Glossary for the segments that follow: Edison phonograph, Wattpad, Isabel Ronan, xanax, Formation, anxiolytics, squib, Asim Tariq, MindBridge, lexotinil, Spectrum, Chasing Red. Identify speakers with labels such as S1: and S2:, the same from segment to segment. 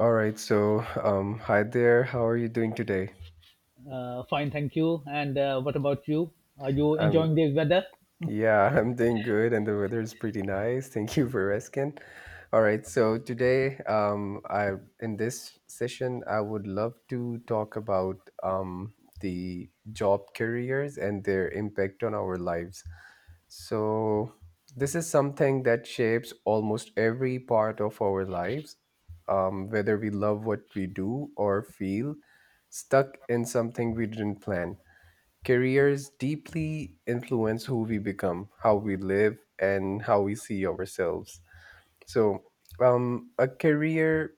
S1: All right, hi there. How are you doing today?
S2: Fine, thank you. And what about you? Are you
S1: Um,
S2: enjoying the weather?
S1: yeah, I'm doing good, and the weather is pretty nice. Thank you for asking. All right, so today, I in this session, I would love to talk about the job careers and their impact on our lives. So, this is something that shapes almost every part of our lives, whether we love what we do or feel stuck in something we didn't plan. Careers deeply influence who we become, how we live, and how we see ourselves. So, a career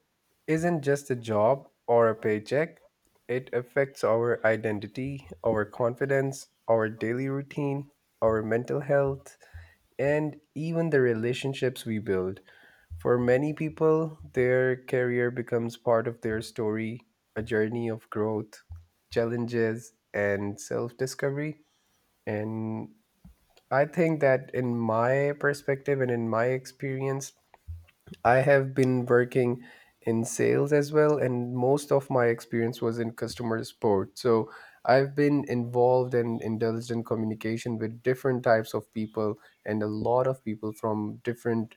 S1: isn't just a job or a paycheck, it affects our identity, our confidence, our daily routine, our mental health, and even the relationships we build. For many people, their career becomes part of their story, a journey of growth, challenges, and self discovery. And I think that, in my perspective and in my experience, I have been working in sales as well, and most of my experience was in customer support. So I've been involved and indulged in communication with different types of people and a lot of people from different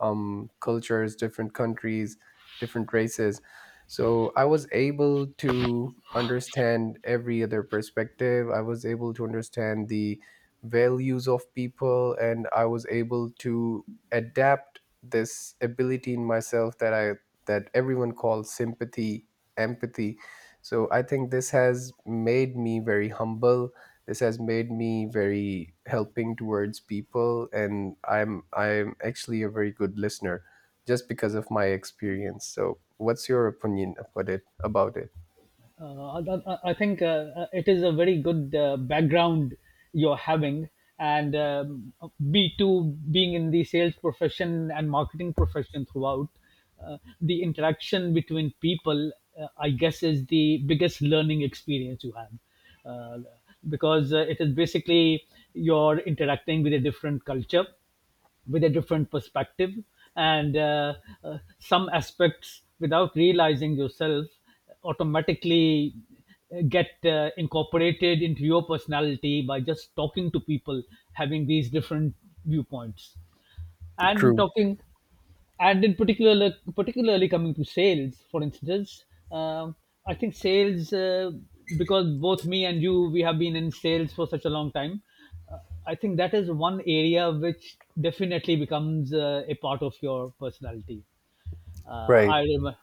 S1: cultures, different countries, different races. So I was able to understand every other perspective. I was able to understand the values of people, and I was able to adapt this ability in myself that everyone calls sympathy, empathy. So I think this has made me very humble. This has made me very helping towards people, and I'm actually a very good listener, just because of my experience. So, what's your opinion about it? About it?
S2: I think it is a very good background you're having, and B two being in the sales profession and marketing profession throughout, the interaction between people, I guess, is the biggest learning experience you have, uh, because it is basically you're interacting with a different culture with a different perspective and some aspects without realizing yourself automatically get incorporated into your personality by just talking to people having these different viewpoints and
S1: True.
S2: talking. And in particular particularly coming to sales, for instance. um, I think sales, because both me and you, we have been in sales for such a long time, uh, I think that is one area which definitely becomes a part of your personality. uh,
S1: Right.
S2: i rem-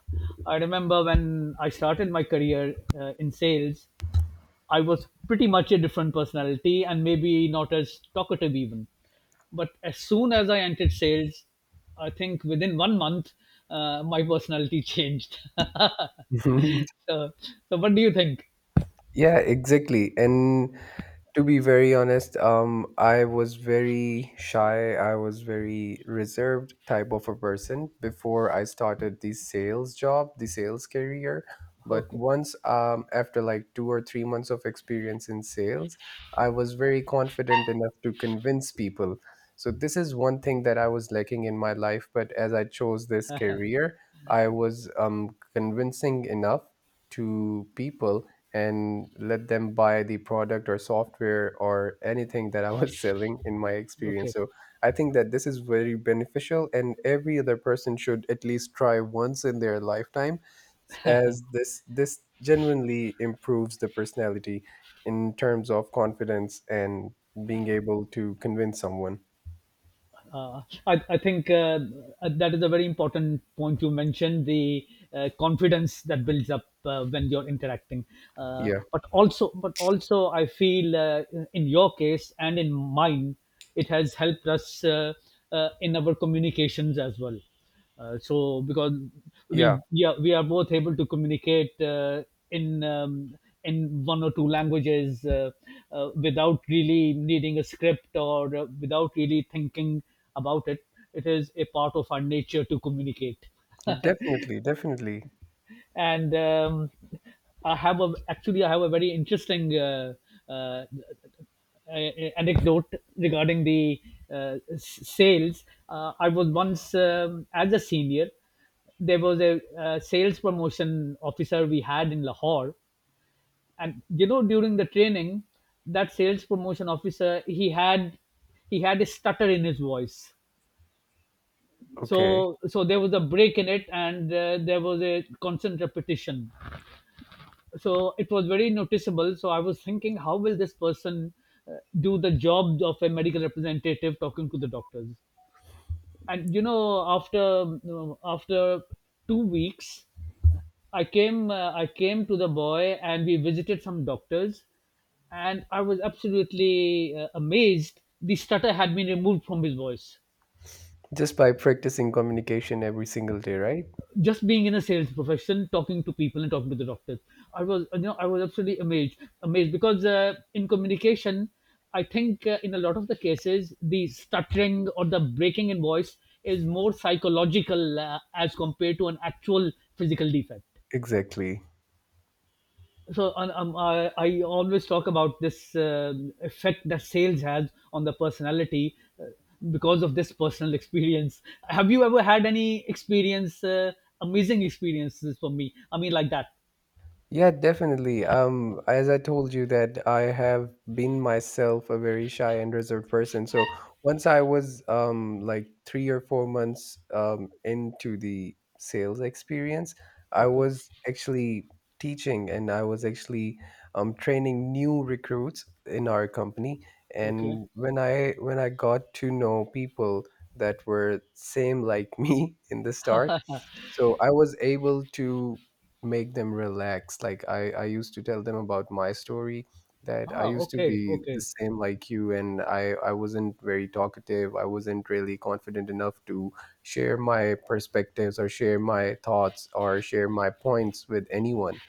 S2: I remember when I started my career in sales, I was pretty much a different personality and maybe not as talkative even. But as soon as I entered sales, I think within 1 month, my personality changed. So what do you think?
S1: Yeah, exactly. And To be very honest, I was very shy. I was very reserved type of a person before I started the sales job, the sales career. But
S2: Okay,
S1: once, after like 2 or 3 months of experience in sales, I was very confident enough to convince people. So this is one thing that I was lacking in my life. But as I chose this career, I was convincing enough to people and let them buy the product or software or anything that I was selling in my experience.
S2: okay.
S1: So I think that this is very beneficial, and every other person should at least try once in their lifetime, as this genuinely improves the personality in terms of confidence and being able to convince someone.
S2: I think that is a very important point you mentioned, the confidence that builds up when you're interacting. Uh,
S1: Yeah,
S2: but also, but also, I feel in your case and in mine, it has helped us in our communications as well. So, because
S1: yeah,
S2: we are both able to communicate in um, in one or two languages, without really needing a script or without really thinking about it. It is a part of our nature to communicate.
S1: definitely, definitely.
S2: and I have a actually, I have a very interesting uh, a- anecdote regarding the sales. I was once as a senior. There was a sales promotion officer we had in Lahore, and you know, during the training, that sales promotion officer, he had a stutter in his voice.
S1: Okay.
S2: So, so there was a break in it, and there was a constant repetition, so it was very noticeable. So I was thinking, how will this person do the job of a medical representative talking to the doctors? And after 2 weeks, I came to the boy, and we visited some doctors, and I was absolutely amazed. The stutter had been removed from his voice
S1: Just by practicing communication every single day, right?
S2: just being in a sales profession, talking to people and talking to the doctors. I was absolutely amazed because in communication, I think in a lot of the cases, the stuttering or the breaking in voice is more psychological as compared to an actual physical defect.
S1: Exactly.
S2: So I always talk about this effect that sales has on the personality, because of this personal experience. Have you ever had any experience, amazing experiences for me, I mean, like that?
S1: Yeah, definitely. As I told you that I have been myself a very shy and reserved person. So once I was like 3 or 4 months into the sales experience, I
S2: Okay,
S1: was actually teaching and I was actually training new recruits in our company.
S2: okay.
S1: And when I got to know people that were same like me in the start, so I was able to make them relax, like I used to tell them about my story that I
S2: Ah,
S1: used to
S2: okay,
S1: be
S2: okay.
S1: the same like you, and I wasn't very talkative, I wasn't really confident enough to share my perspectives or share my thoughts or share my points with anyone.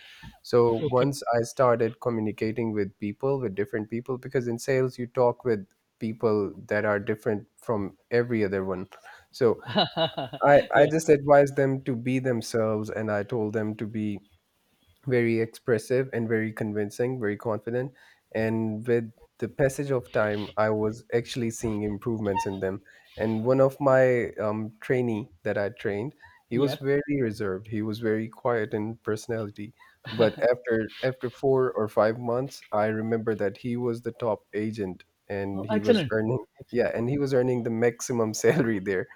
S1: So
S2: Okay.
S1: once I started communicating with people, with different people, because in sales you talk with people that are different from every other one. So I
S2: Yeah,
S1: just advised them to be themselves, and I told them to be very expressive and very convincing, very confident. And with the passage of time, I was actually seeing improvements in them. And one of my trainee that I trained, he
S2: yeah.
S1: was very reserved. He was very quiet in personality. But after 4 or 5 months, I remember that he was the top agent,
S2: Oh,
S1: and
S2: excellent. Excellent.
S1: he was earning the maximum salary there.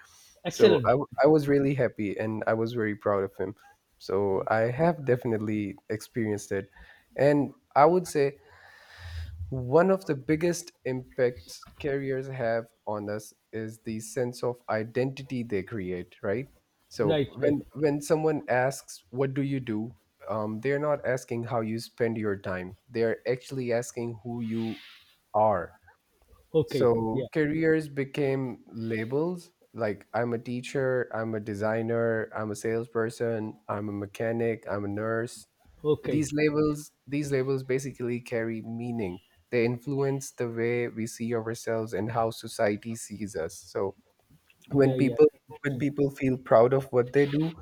S1: So
S2: Excellent.
S1: I was really happy and I was very proud of him. So I have definitely experienced it. And I would say one of the biggest impacts carriers have on us is the sense of identity they create, right? So
S2: Right, right.
S1: when someone asks, "What do you do?" They're not asking how you spend your time. They're actually asking who you are.
S2: Okay,
S1: So
S2: yeah.
S1: careers became labels, like I'm a teacher, I'm a designer, I'm a salesperson, I'm a mechanic, I'm a nurse.
S2: Okay.
S1: These labels basically carry meaning. They influence the way we see ourselves and how society sees us. So when
S2: Yeah, yeah.
S1: people when people feel proud of what they do,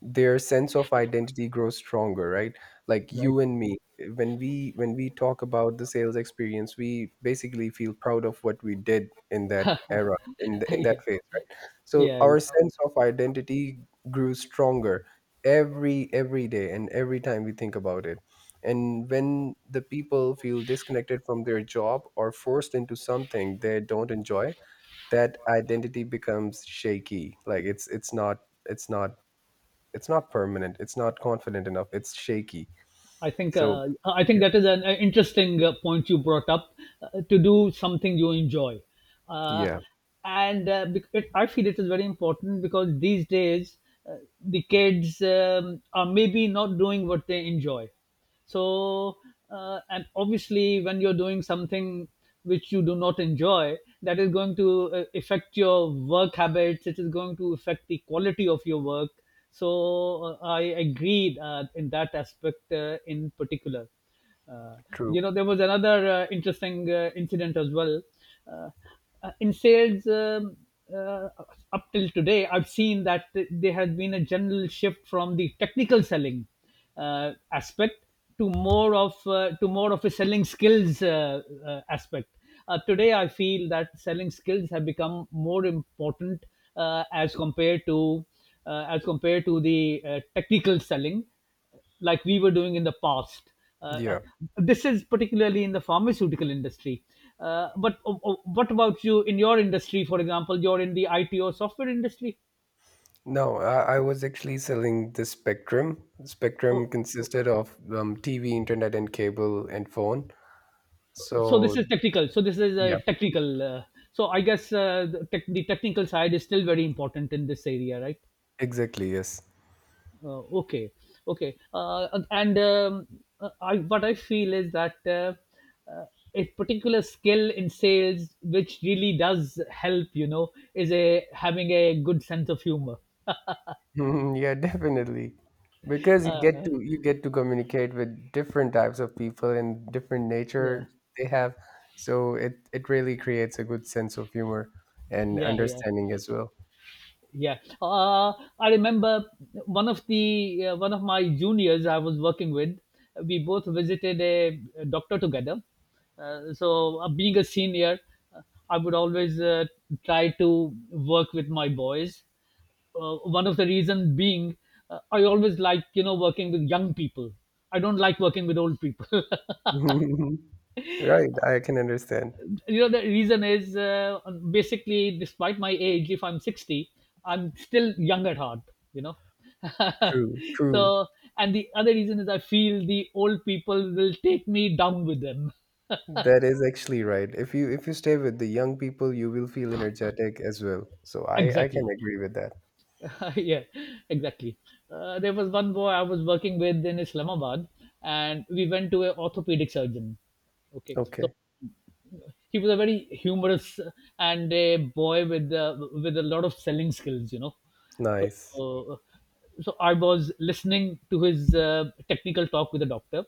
S1: their sense of identity grows stronger, right? Like
S2: Right.
S1: you and me, when we talk about the sales experience, we basically feel proud of what we did in that era, in that
S2: Yeah.
S1: phase, right? So
S2: Yeah,
S1: our
S2: yeah.
S1: sense of identity grew stronger every day and every time we think about it. And when the people feel disconnected from their job or forced into something they don't enjoy, that identity becomes shaky. Like it's not it's not permanent. It's not confident enough. It's shaky. So
S2: I think
S1: yeah,
S2: that is an interesting point you brought up, to do something you enjoy, uh,
S1: yeah,
S2: it, I feel it is very important, because these days the kids are maybe not doing what they enjoy. So, and obviously, when you're doing something which you do not enjoy, that is going to affect your work habits. It is going to affect the quality of your work. So, I agreed in that aspect in particular. Uh, you
S1: true.
S2: know, there was another interesting incident as well. Uh, in sales, uh, up till today, I've seen that there has been a general shift from the technical selling aspect to more of a selling skills aspect. Today, I feel that selling skills have become more important uh, as compared to as compared to the technical selling like we were doing in the past. Uh, uh,
S1: Yeah.
S2: this is particularly in the pharmaceutical industry. But what about you in your industry? For example, you're in the IT or software industry.
S1: No, I was actually selling the Spectrum. Spectrum
S2: Oh, oh,
S1: consisted of TV, internet, and cable and phone.
S2: so this
S1: So
S2: is technical. So this is a
S1: yeah,
S2: technical. So I guess the technical side is still very important in this area, right?
S1: exactly. Yes.
S2: Okay, okay. What I feel is that uh, a particular skill in sales, which really does help, you know, is a having a good sense of humor.
S1: Yeah, definitely. Because you get
S2: Uh,
S1: to you get to communicate with different types of people and different
S2: yeah,
S1: nature they have. So it really creates a good sense of humor and
S2: yeah, yeah.
S1: understanding as well.
S2: Yeah, I remember one of my juniors I was working with. We both visited a, doctor together. So, being a senior, uh, I would always try to work with my boys. One of the reason being, I always like, you know, working with young people. I don't like working with old people.
S1: Right, I can understand.
S2: You know, the reason is basically despite my age, if I'm 60, I'm still young at heart, you know.
S1: True, true.
S2: So, and the other reason is, I feel the old people will take me down with them.
S1: That is actually right. If you stay with the young people, you will feel energetic as well. So I can
S2: Exactly.
S1: agree with that.
S2: Yeah, exactly. There was one boy I was working with in Islamabad, and we went to an orthopedic surgeon. Okay, so
S1: Okay,
S2: he was a very humorous and a boy with a lot of selling skills, you know.
S1: nice.
S2: So, so I was listening to his technical talk with the doctor.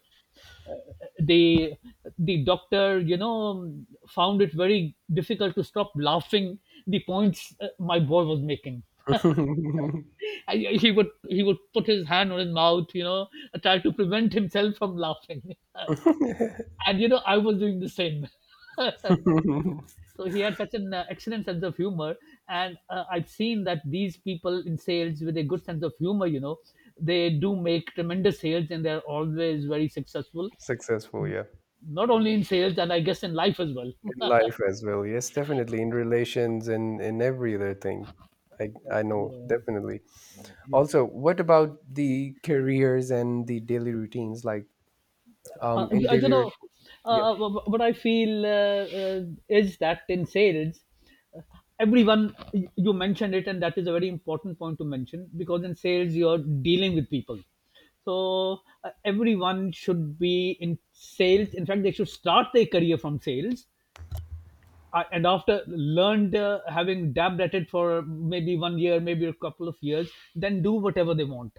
S2: Uh, the the doctor, you know, found it very difficult to stop laughing. The points my boy was making. I, he would put his hand on his mouth, you know, try to prevent himself from laughing. And you know, I was doing the same. So he had such an excellent sense of humor, and I've seen that these people in sales with a good sense of humor, you know, they do make tremendous sales, and they're always very successful.
S1: Successful, yeah.
S2: Not only in sales, and I guess in life as well.
S1: In life as well. Yes, definitely in relations and in every other thing. I know, definitely. Also, what about the careers and the daily routines, like in
S2: You
S1: daily
S2: know,
S1: routines? Yeah.
S2: what I feel is that in sales, uh, everyone, you mentioned it, and that is a very important point to mention, because in sales you're dealing with people. So everyone should be in sales. In fact, they should start their career from sales. And after learned, having dabbed at it for maybe 1 year, maybe a couple of years, then do whatever they want.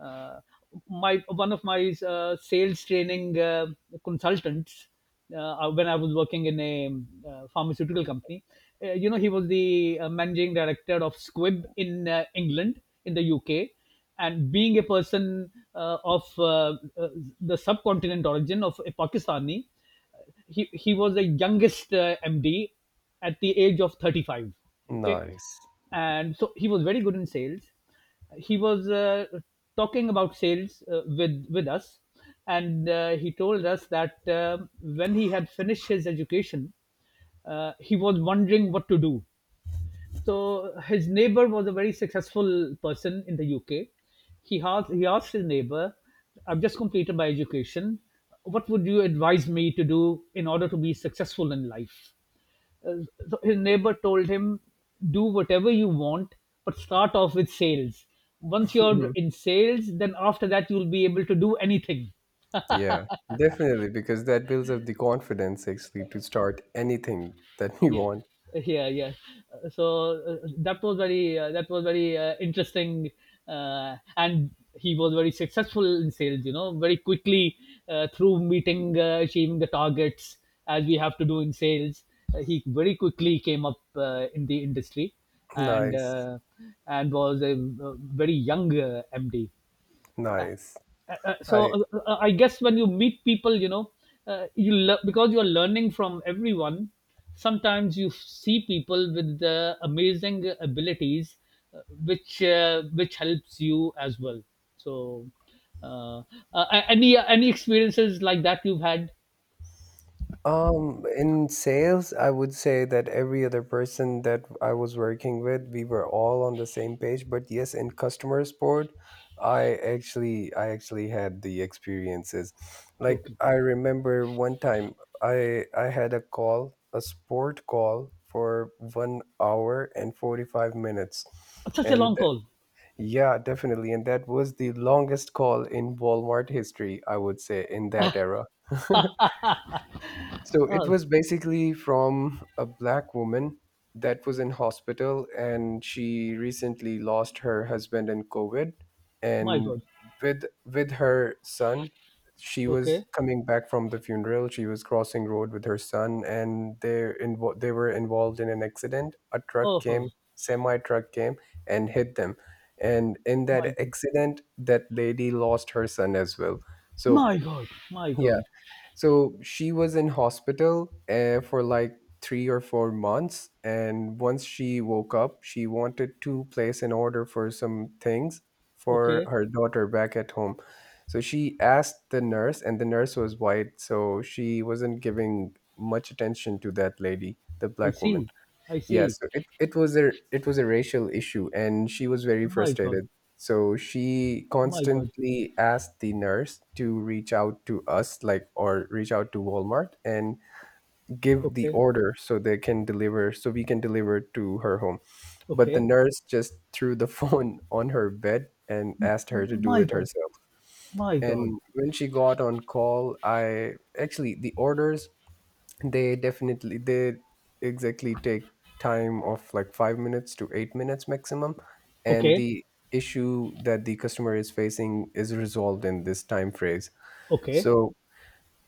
S2: Uh, my one of my sales training consultants, when I was working in a pharmaceutical company, you know, he was the managing director of Squib in england in the UK. And being a person of the subcontinent origin, of a Pakistani, he was the youngest MD at the age of 35. Okay,
S1: Nice.
S2: and so he was very good in sales. He was talking about sales with us, and he told us that when he had finished his education, he was wondering what to do. So his neighbor was a very successful person in the UK. He asked his neighbor, "I've just completed my education. What would you advise me to do in order to be successful in life?" Uh, so his neighbor told him, "Do whatever you want, but start off with sales. Once you're
S1: Mhm.
S2: in sales, then after that, you'll be able to do anything."
S1: Yeah, definitely, because that builds up the confidence actually to start anything that you
S2: Yeah,
S1: want.
S2: yeah, yeah. Uh, so that was very interesting, and he was very successful in sales, you know, very quickly, through meeting, achieving the targets, as we have to do in sales. He very quickly came up in the industry, and
S1: Nice,
S2: uh, and was a, uh very young MD.
S1: nice. I
S2: I guess when you meet people, you know, because you are learning from everyone. Sometimes you see people with amazing abilities, which helps you as well. So, uh, any experiences like that you've had?
S1: In sales, I would say that every other person that I was working with, we were all on the same page. But yes, in customer support, I actually had the experiences. Like
S2: Okay,
S1: I remember one time I had a call, a support call for 1 hour and 45 minutes.
S2: such a
S1: And
S2: long
S1: th-
S2: call.
S1: yeah, definitely. And that was the longest call in Walmart history, I would say, in that era. So it
S2: Oh
S1: was basically from a black woman that was in hospital, and she recently lost her husband in COVID.
S2: my
S1: And
S2: god.
S1: with her son, she was
S2: Okay.
S1: coming back from the funeral. She was crossing road with her son, and they were involved in an accident. A truck
S2: Oh,
S1: came,
S2: oh,
S1: semi truck came, and hit them. And in
S2: my
S1: that
S2: god.
S1: accident, that lady lost her son as well. So
S2: My god. My
S1: yeah,
S2: god.
S1: so she was in hospital for like 3 or 4 months. And once she woke up, she wanted to place an order for some things for
S2: Okay.
S1: her daughter back at home. So she asked the nurse, and the nurse was white. So she wasn't giving much attention to that lady, the
S2: I
S1: black woman.
S2: see. I
S1: Yeah,
S2: see.
S1: so it was a racial issue and she was very
S2: My god.
S1: frustrated. So she
S2: My god.
S1: constantly asked the nurse to reach out to us, like, or reach out to Walmart and give the
S2: Okay.
S1: order, so they can deliver, so we can deliver to her home. But the
S2: Okay.
S1: nurse just threw the phone on her bed and asked her to do
S2: My
S1: it
S2: God.
S1: herself.
S2: My God.
S1: And when she got on call, I actually the orders they definitely they exactly take time of like 5 minutes to 8 minutes maximum, and
S2: Okay.
S1: the issue that the customer is facing is resolved in this time phrase.
S2: Okay.
S1: So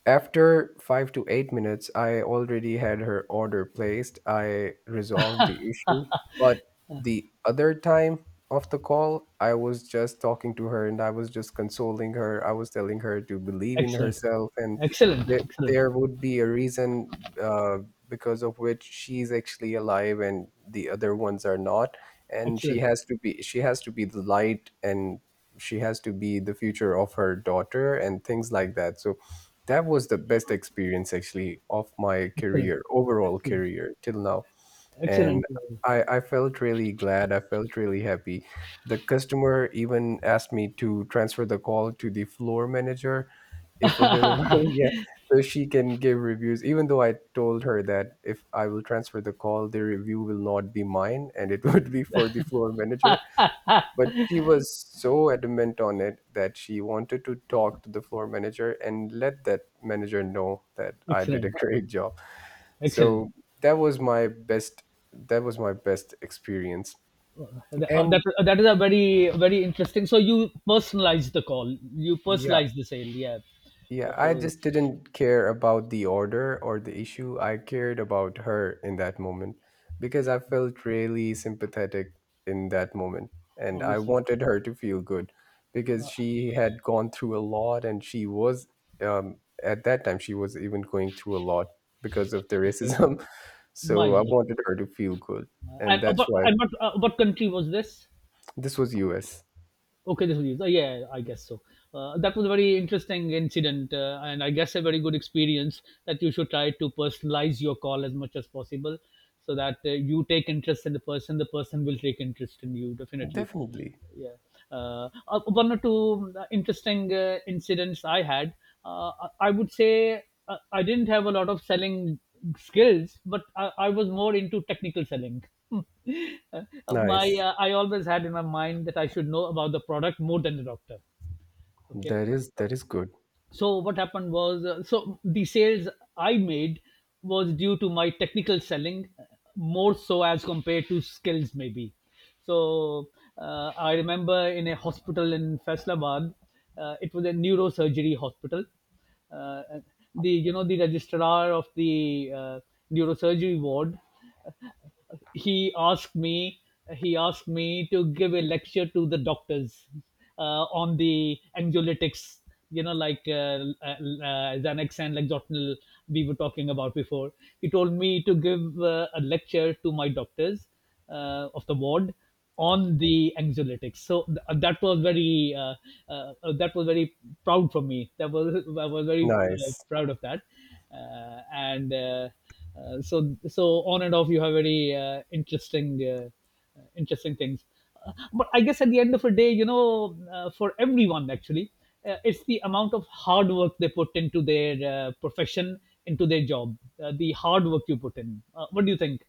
S1: after 5 to 8 minutes, I already had her order placed. I resolved the issue. But the other time of the call, I was just talking to her and I was just consoling her. I was telling her to believe in
S2: Excellent.
S1: herself, and
S2: Excellent.
S1: that
S2: Excellent.
S1: there would be a reason because of which she's actually alive and the other ones are not. And she
S2: Excellent.
S1: has to be she has to be the light, and she has to be the future of her daughter and things like that. So that was the best experience actually of my
S2: Excellent.
S1: career, overall
S2: Excellent.
S1: career till now.
S2: Excellent.
S1: And
S2: uh,
S1: I felt really glad. I felt really happy. The customer even asked me to transfer the call to the floor manager if available. Yeah. So she can give reviews, even though I told her that if I will transfer the call, the review will not be mine and it would be for the floor manager. But she was so adamant on it that she wanted to talk to the floor manager and let that manager know that I did a
S2: Excellent.
S1: great job.
S2: Excellent.
S1: So that was my best that was my best experience. And
S2: That is a very, very interesting. So you personalize the call. You
S1: yeah.
S2: personalize the sale. Yeah.
S1: Yeah, I
S2: Therefore,
S1: just didn't care about the order or the issue. I cared about her in that moment because I felt really sympathetic in that moment. And I
S2: obviously.
S1: wanted her to feel good because
S2: Uh,
S1: she had gone through a lot and she was, at that time, she was even going through a lot because of the
S2: okay.
S1: racism.
S2: My
S1: So I
S2: God.
S1: wanted her to feel good. And
S2: And
S1: that's why
S2: and what country was this?
S1: this was US.
S2: Okay, this was use. Yeah, I guess so. That was a very interesting incident, and I guess a very good experience that you should try to personalize your call as much as possible so that you take interest in the person will take interest in you, definitely.
S1: Definitely.
S2: Yeah. One or two interesting incidents I had. I would say I didn't have a lot of selling skills, but I was more into technical selling. Uh, my
S1: Nice.
S2: I always had in my mind that I should know about the product more than the doctor. Okay.
S1: That is
S2: So,
S1: that is good.
S2: so what happened was, so the sales I made was due to my technical selling, more so as compared to skills maybe. So I remember in a hospital in Faisalabad. It was a neurosurgery hospital. Uh, the you know the registrar of the neurosurgery ward, he asked me he asked me to give a lecture to the doctors on the anxiolytics, you know, like Xanax and Lexotinil we were talking about before. He told me to give a lecture to my doctors of the ward on the anxiolytics. So that was very uh, that was very proud for me. That was, I was very
S1: Nice.
S2: proud of that. And So so on and off, you have very interesting interesting things. But I guess at the end of the day, you know, for everyone actually, it's the amount of hard work they put into their profession, into their job, the hard work you put in. What do you think?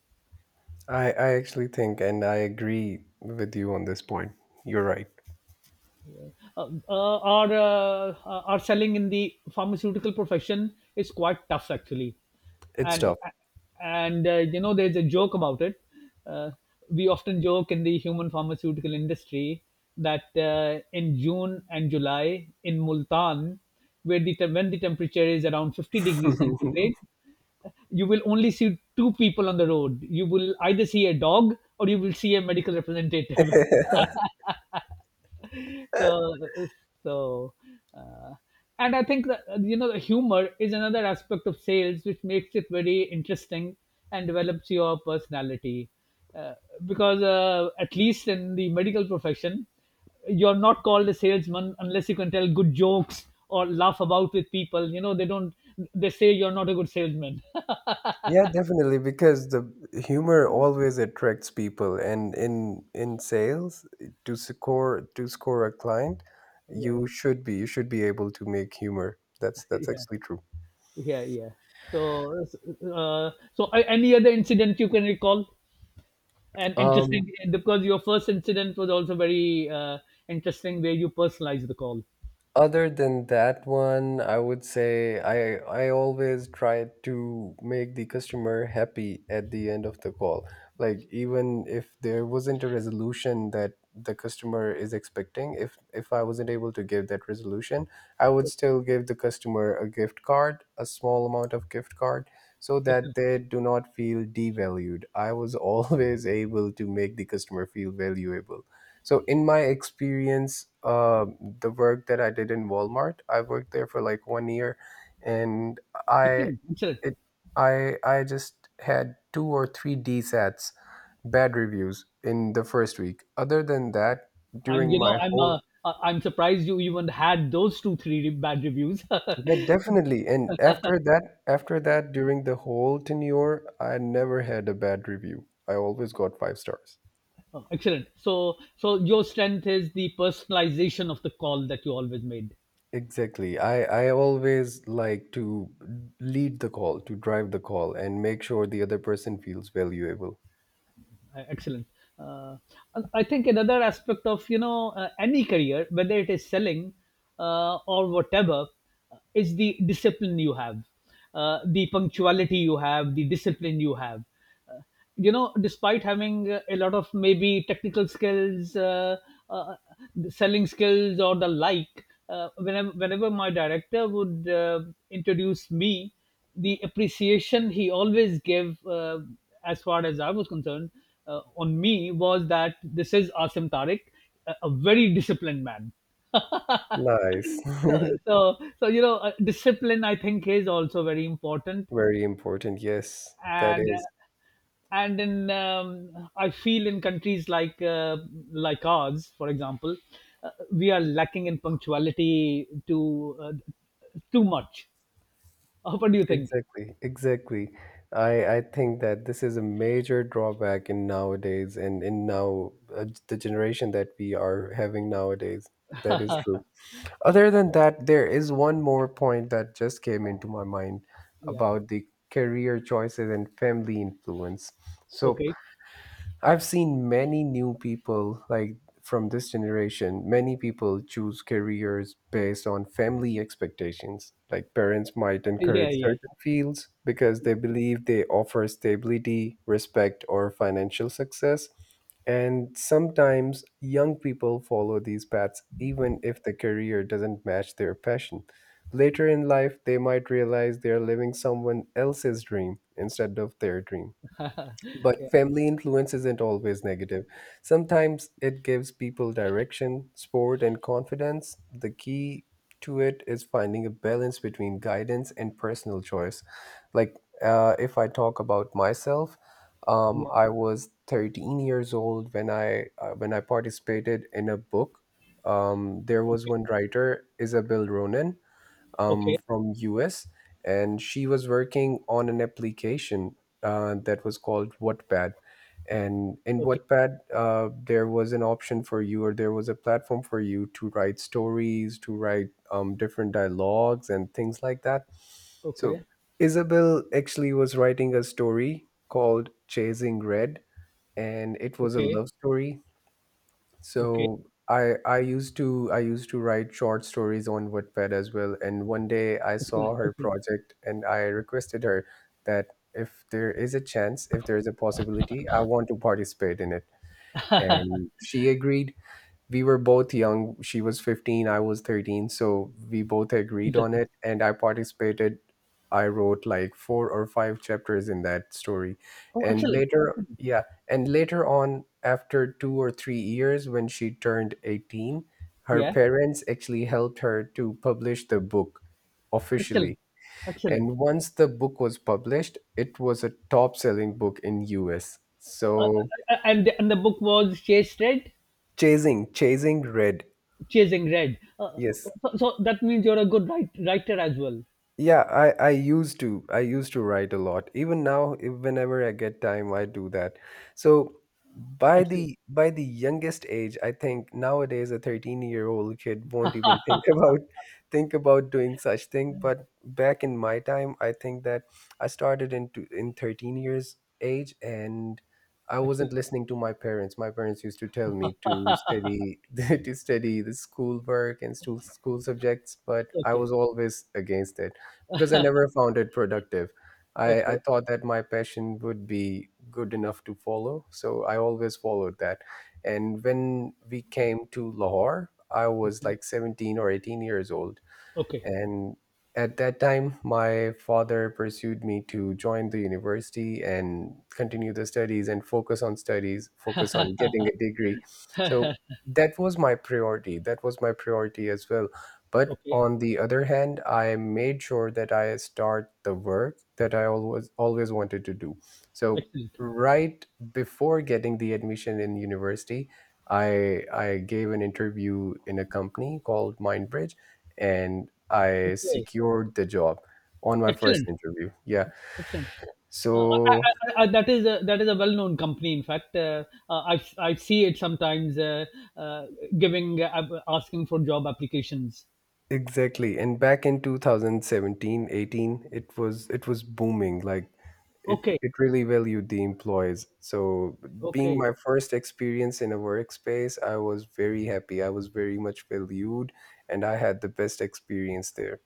S1: I actually think, and I agree with you on this point. You're right.
S2: Are selling in the pharmaceutical profession is quite tough actually.
S1: It's
S2: and
S1: tough.
S2: and uh, you know, there's a joke about it. uh, we often joke in the human pharmaceutical industry that in June and July in Multan, where the when the temperature is around 50 degrees centigrade, you will only see two people on the road. You will either see a dog or you will see a medical representative. so so uh, and I think that, you know, the humor is another aspect of sales which makes it very interesting and develops your personality, uh, because at least in the medical profession, you're not called a salesman unless you can tell good jokes or laugh about with people. You know, they say you're not a good salesman.
S1: Yeah, definitely, because the humor always attracts people, and in sales, to score a client,
S2: yeah
S1: you should be able to make humor. That's
S2: yeah,
S1: actually true.
S2: yeah yeah. So uh, any other incident you can recall and
S1: Um,
S2: interesting? Because your first incident was also very interesting, where you personalized the call.
S1: other than that one, I would say I always try to make the customer happy at the end of the call. Like, even if there wasn't a resolution that the customer is expecting, if I wasn't able to give that resolution, I would
S2: So,
S1: still give the customer a gift card, a small amount of gift card, so that
S2: excellent.
S1: they do not feel devalued. I was always able to make the customer feel valuable. So, in my experience, the work that I did in Walmart, I worked there for like one year, and I,
S2: Excellent.
S1: it, I just had two or three DSATs, bad reviews in the first week. Other than that,
S2: I'm
S1: during
S2: you know
S1: my
S2: I'm
S1: whole,
S2: I- I'm surprised you even had those two three bad reviews.
S1: yeah, definitely. And after that, during the whole tenure, I never had a bad review. I always got five stars.
S2: Oh, excellent. So, so your strength is the personalization of the call that you always made.
S1: Exactly. I always like to lead the call, to drive the call, and make sure the other person feels valuable.
S2: Excellent. uh, I think another aspect of, you know, any career, whether it is selling or whatever, is the discipline you have, the punctuality you have, the discipline you have. uh, you know, despite having a lot of maybe technical skills, uh, the selling skills or the like, whenever my director would introduce me, the appreciation he always gave, as far as I was concerned, on me was that this is Asim Tariq, a very disciplined man.
S1: Nice.
S2: So, you know, discipline, I think, is also very important,
S1: Very important. Yes, that
S2: and uh,
S1: is.
S2: and in I feel, in countries like ours, for example, we are lacking in punctuality to too much. What do you think?
S1: Exactly. Exactly. I think that this is a major drawback in nowadays and in now the generation that we are having nowadays. That is true. Other than that, there is one more point that just came into my mind
S2: Yeah.
S1: about the career choices and family influence. So,
S2: Okay.
S1: I've seen many new people like from this generation, many people choose careers based on family expectations. Like, parents might
S2: Yeah.
S1: encourage
S2: Yeah.
S1: certain fields because they believe they offer stability, respect, or financial success. And sometimes young people follow these paths even if the career doesn't match their passion. Later in life, they might realize they're living someone else's dream instead of their dream.
S2: Yeah.
S1: But family influence isn't always negative. Sometimes it gives people direction, support, and confidence. The key to it is finding a balance between guidance and personal choice. Like, if I talk about myself,
S2: Yeah.
S1: I was 13 years old when I participated in a book. There was
S2: Okay.
S1: one writer, Isabel Ronan,
S2: Okay.
S1: from US, and she was working on an application that was called Wattpad. And in
S2: Okay.
S1: Wattpad, there was an option for you, or there was a platform for you to write stories, to write different dialogues, and things like that. So
S2: Okay.
S1: Isabel actually was writing a story called Chasing Red, and it was a
S2: Okay.
S1: love story.
S2: Okay.
S1: So I used to write short stories on Wattpad as well. And one day I
S2: Excellent.
S1: saw her
S2: Excellent.
S1: project and I requested her that if there is a chance, if there is a possibility, I want to participate in it. And she agreed. We were both young. She was 15, I was 13. So we both agreed on
S2: Interesting.
S1: it. And I participated. I wrote like four or five chapters in that story.
S2: Oh,
S1: And
S2: excellent.
S1: later,
S2: Excellent.
S1: yeah. And later on, after 2 or 3 years, when she turned 18, her
S2: Yeah.
S1: parents actually helped her to publish the book officially.
S2: Excellent. Excellent.
S1: And once the book was published, it was a top selling book in US. So
S2: And the book was Chase Red,
S1: Chasing Red.
S2: Chasing Red.
S1: Yes.
S2: So, so that means you're a good writer as well.
S1: Yeah, I used to. I used to write a lot. Even now, if whenever I get time, I do that. So by
S2: Excellent.
S1: the by the youngest age, I think nowadays a 13-year-old kid won't even think about doing such thing. But back in my time, I think that I started into in 13 years age and I wasn't
S2: Excellent.
S1: listening to my parents. My parents used to tell me to study to study the schoolwork and school subjects, but I
S2: Okay.
S1: was always against it because I never found it productive. I
S2: Okay.
S1: thought that my passion would be good enough to follow, so I always followed that. And when we came to Lahore, I was
S2: Okay.
S1: like 17 or 18 years old,
S2: Okay.
S1: and at that time, my father pursued me to join the university and continue the studies and focus on studies, focus on getting a degree. So that was my priority. That was my priority as well. But
S2: Okay.
S1: on the other hand, I made sure that I start the work that I always always wanted to do. So
S2: Excellent.
S1: right before getting the admission in university, I gave an interview in a company called MindBridge and I
S2: Okay.
S1: secured the job on my first
S2: Excellent.
S1: interview. Yeah.
S2: Excellent.
S1: So
S2: I, that is a well-known company. In fact, I see it sometimes uh, giving asking for job applications.
S1: exactly. And back in 2017, 18, it was booming. Like it
S2: Okay,
S1: it really valued the employees. So being
S2: okay,
S1: my first experience in a workspace, I was very happy. I was very much valued and I had the best experience there.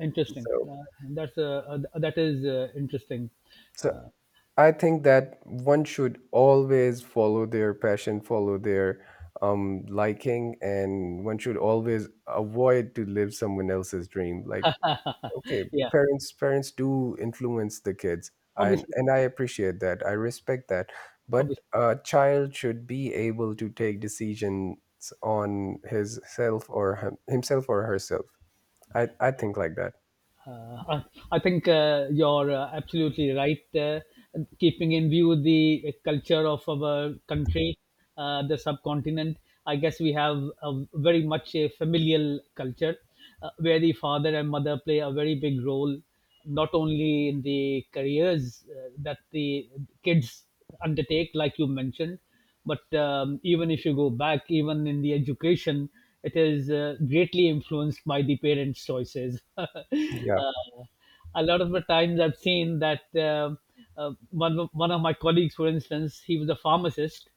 S2: interesting.
S1: So
S2: That's that is interesting.
S1: so I think that one should always follow their passion, follow their liking, and one should always avoid to live someone else's dream. Like, okay,
S2: Yeah,
S1: parents do influence the kids, and
S2: obviously,
S1: and I appreciate that. I respect that, but
S2: obviously.
S1: a child should be able to take decisions on his self or himself or herself. I think like that.
S2: Uh, I I think you're absolutely right. Keeping in view the culture of our country, the subcontinent, I guess we have a very much a familial culture where the father and mother play a very big role, not only in the careers that the kids undertake, like you mentioned, but even if you go back, even in the education, it is greatly influenced by the parents' choices.
S1: Yeah.
S2: A lot of the times I've seen that one of my colleagues, for instance, he was a pharmacist,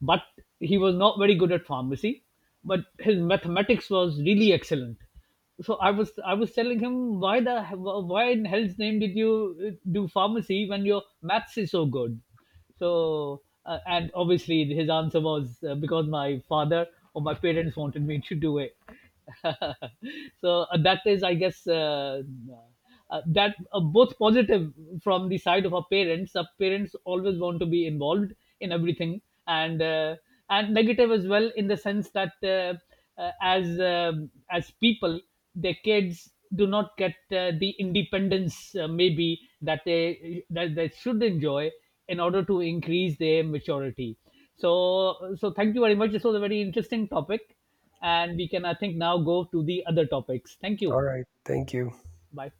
S2: but he was not very good at pharmacy, but his mathematics was really excellent. So I was telling him, why the why in hell's name did you do pharmacy when your maths is so good? So and obviously his answer was, because my father or my parents wanted me to do it. So that is, I guess, that both positive from the side of our parents, our parents always want to be involved in everything, and and negative as well, in the sense that as people, their kids do not get the independence maybe that they should enjoy in order to increase their maturity. So, so thank you very much, this was a very interesting topic, and we can, I think, now go to the other topics. Thank you.
S1: All right. Thank you.
S2: Bye.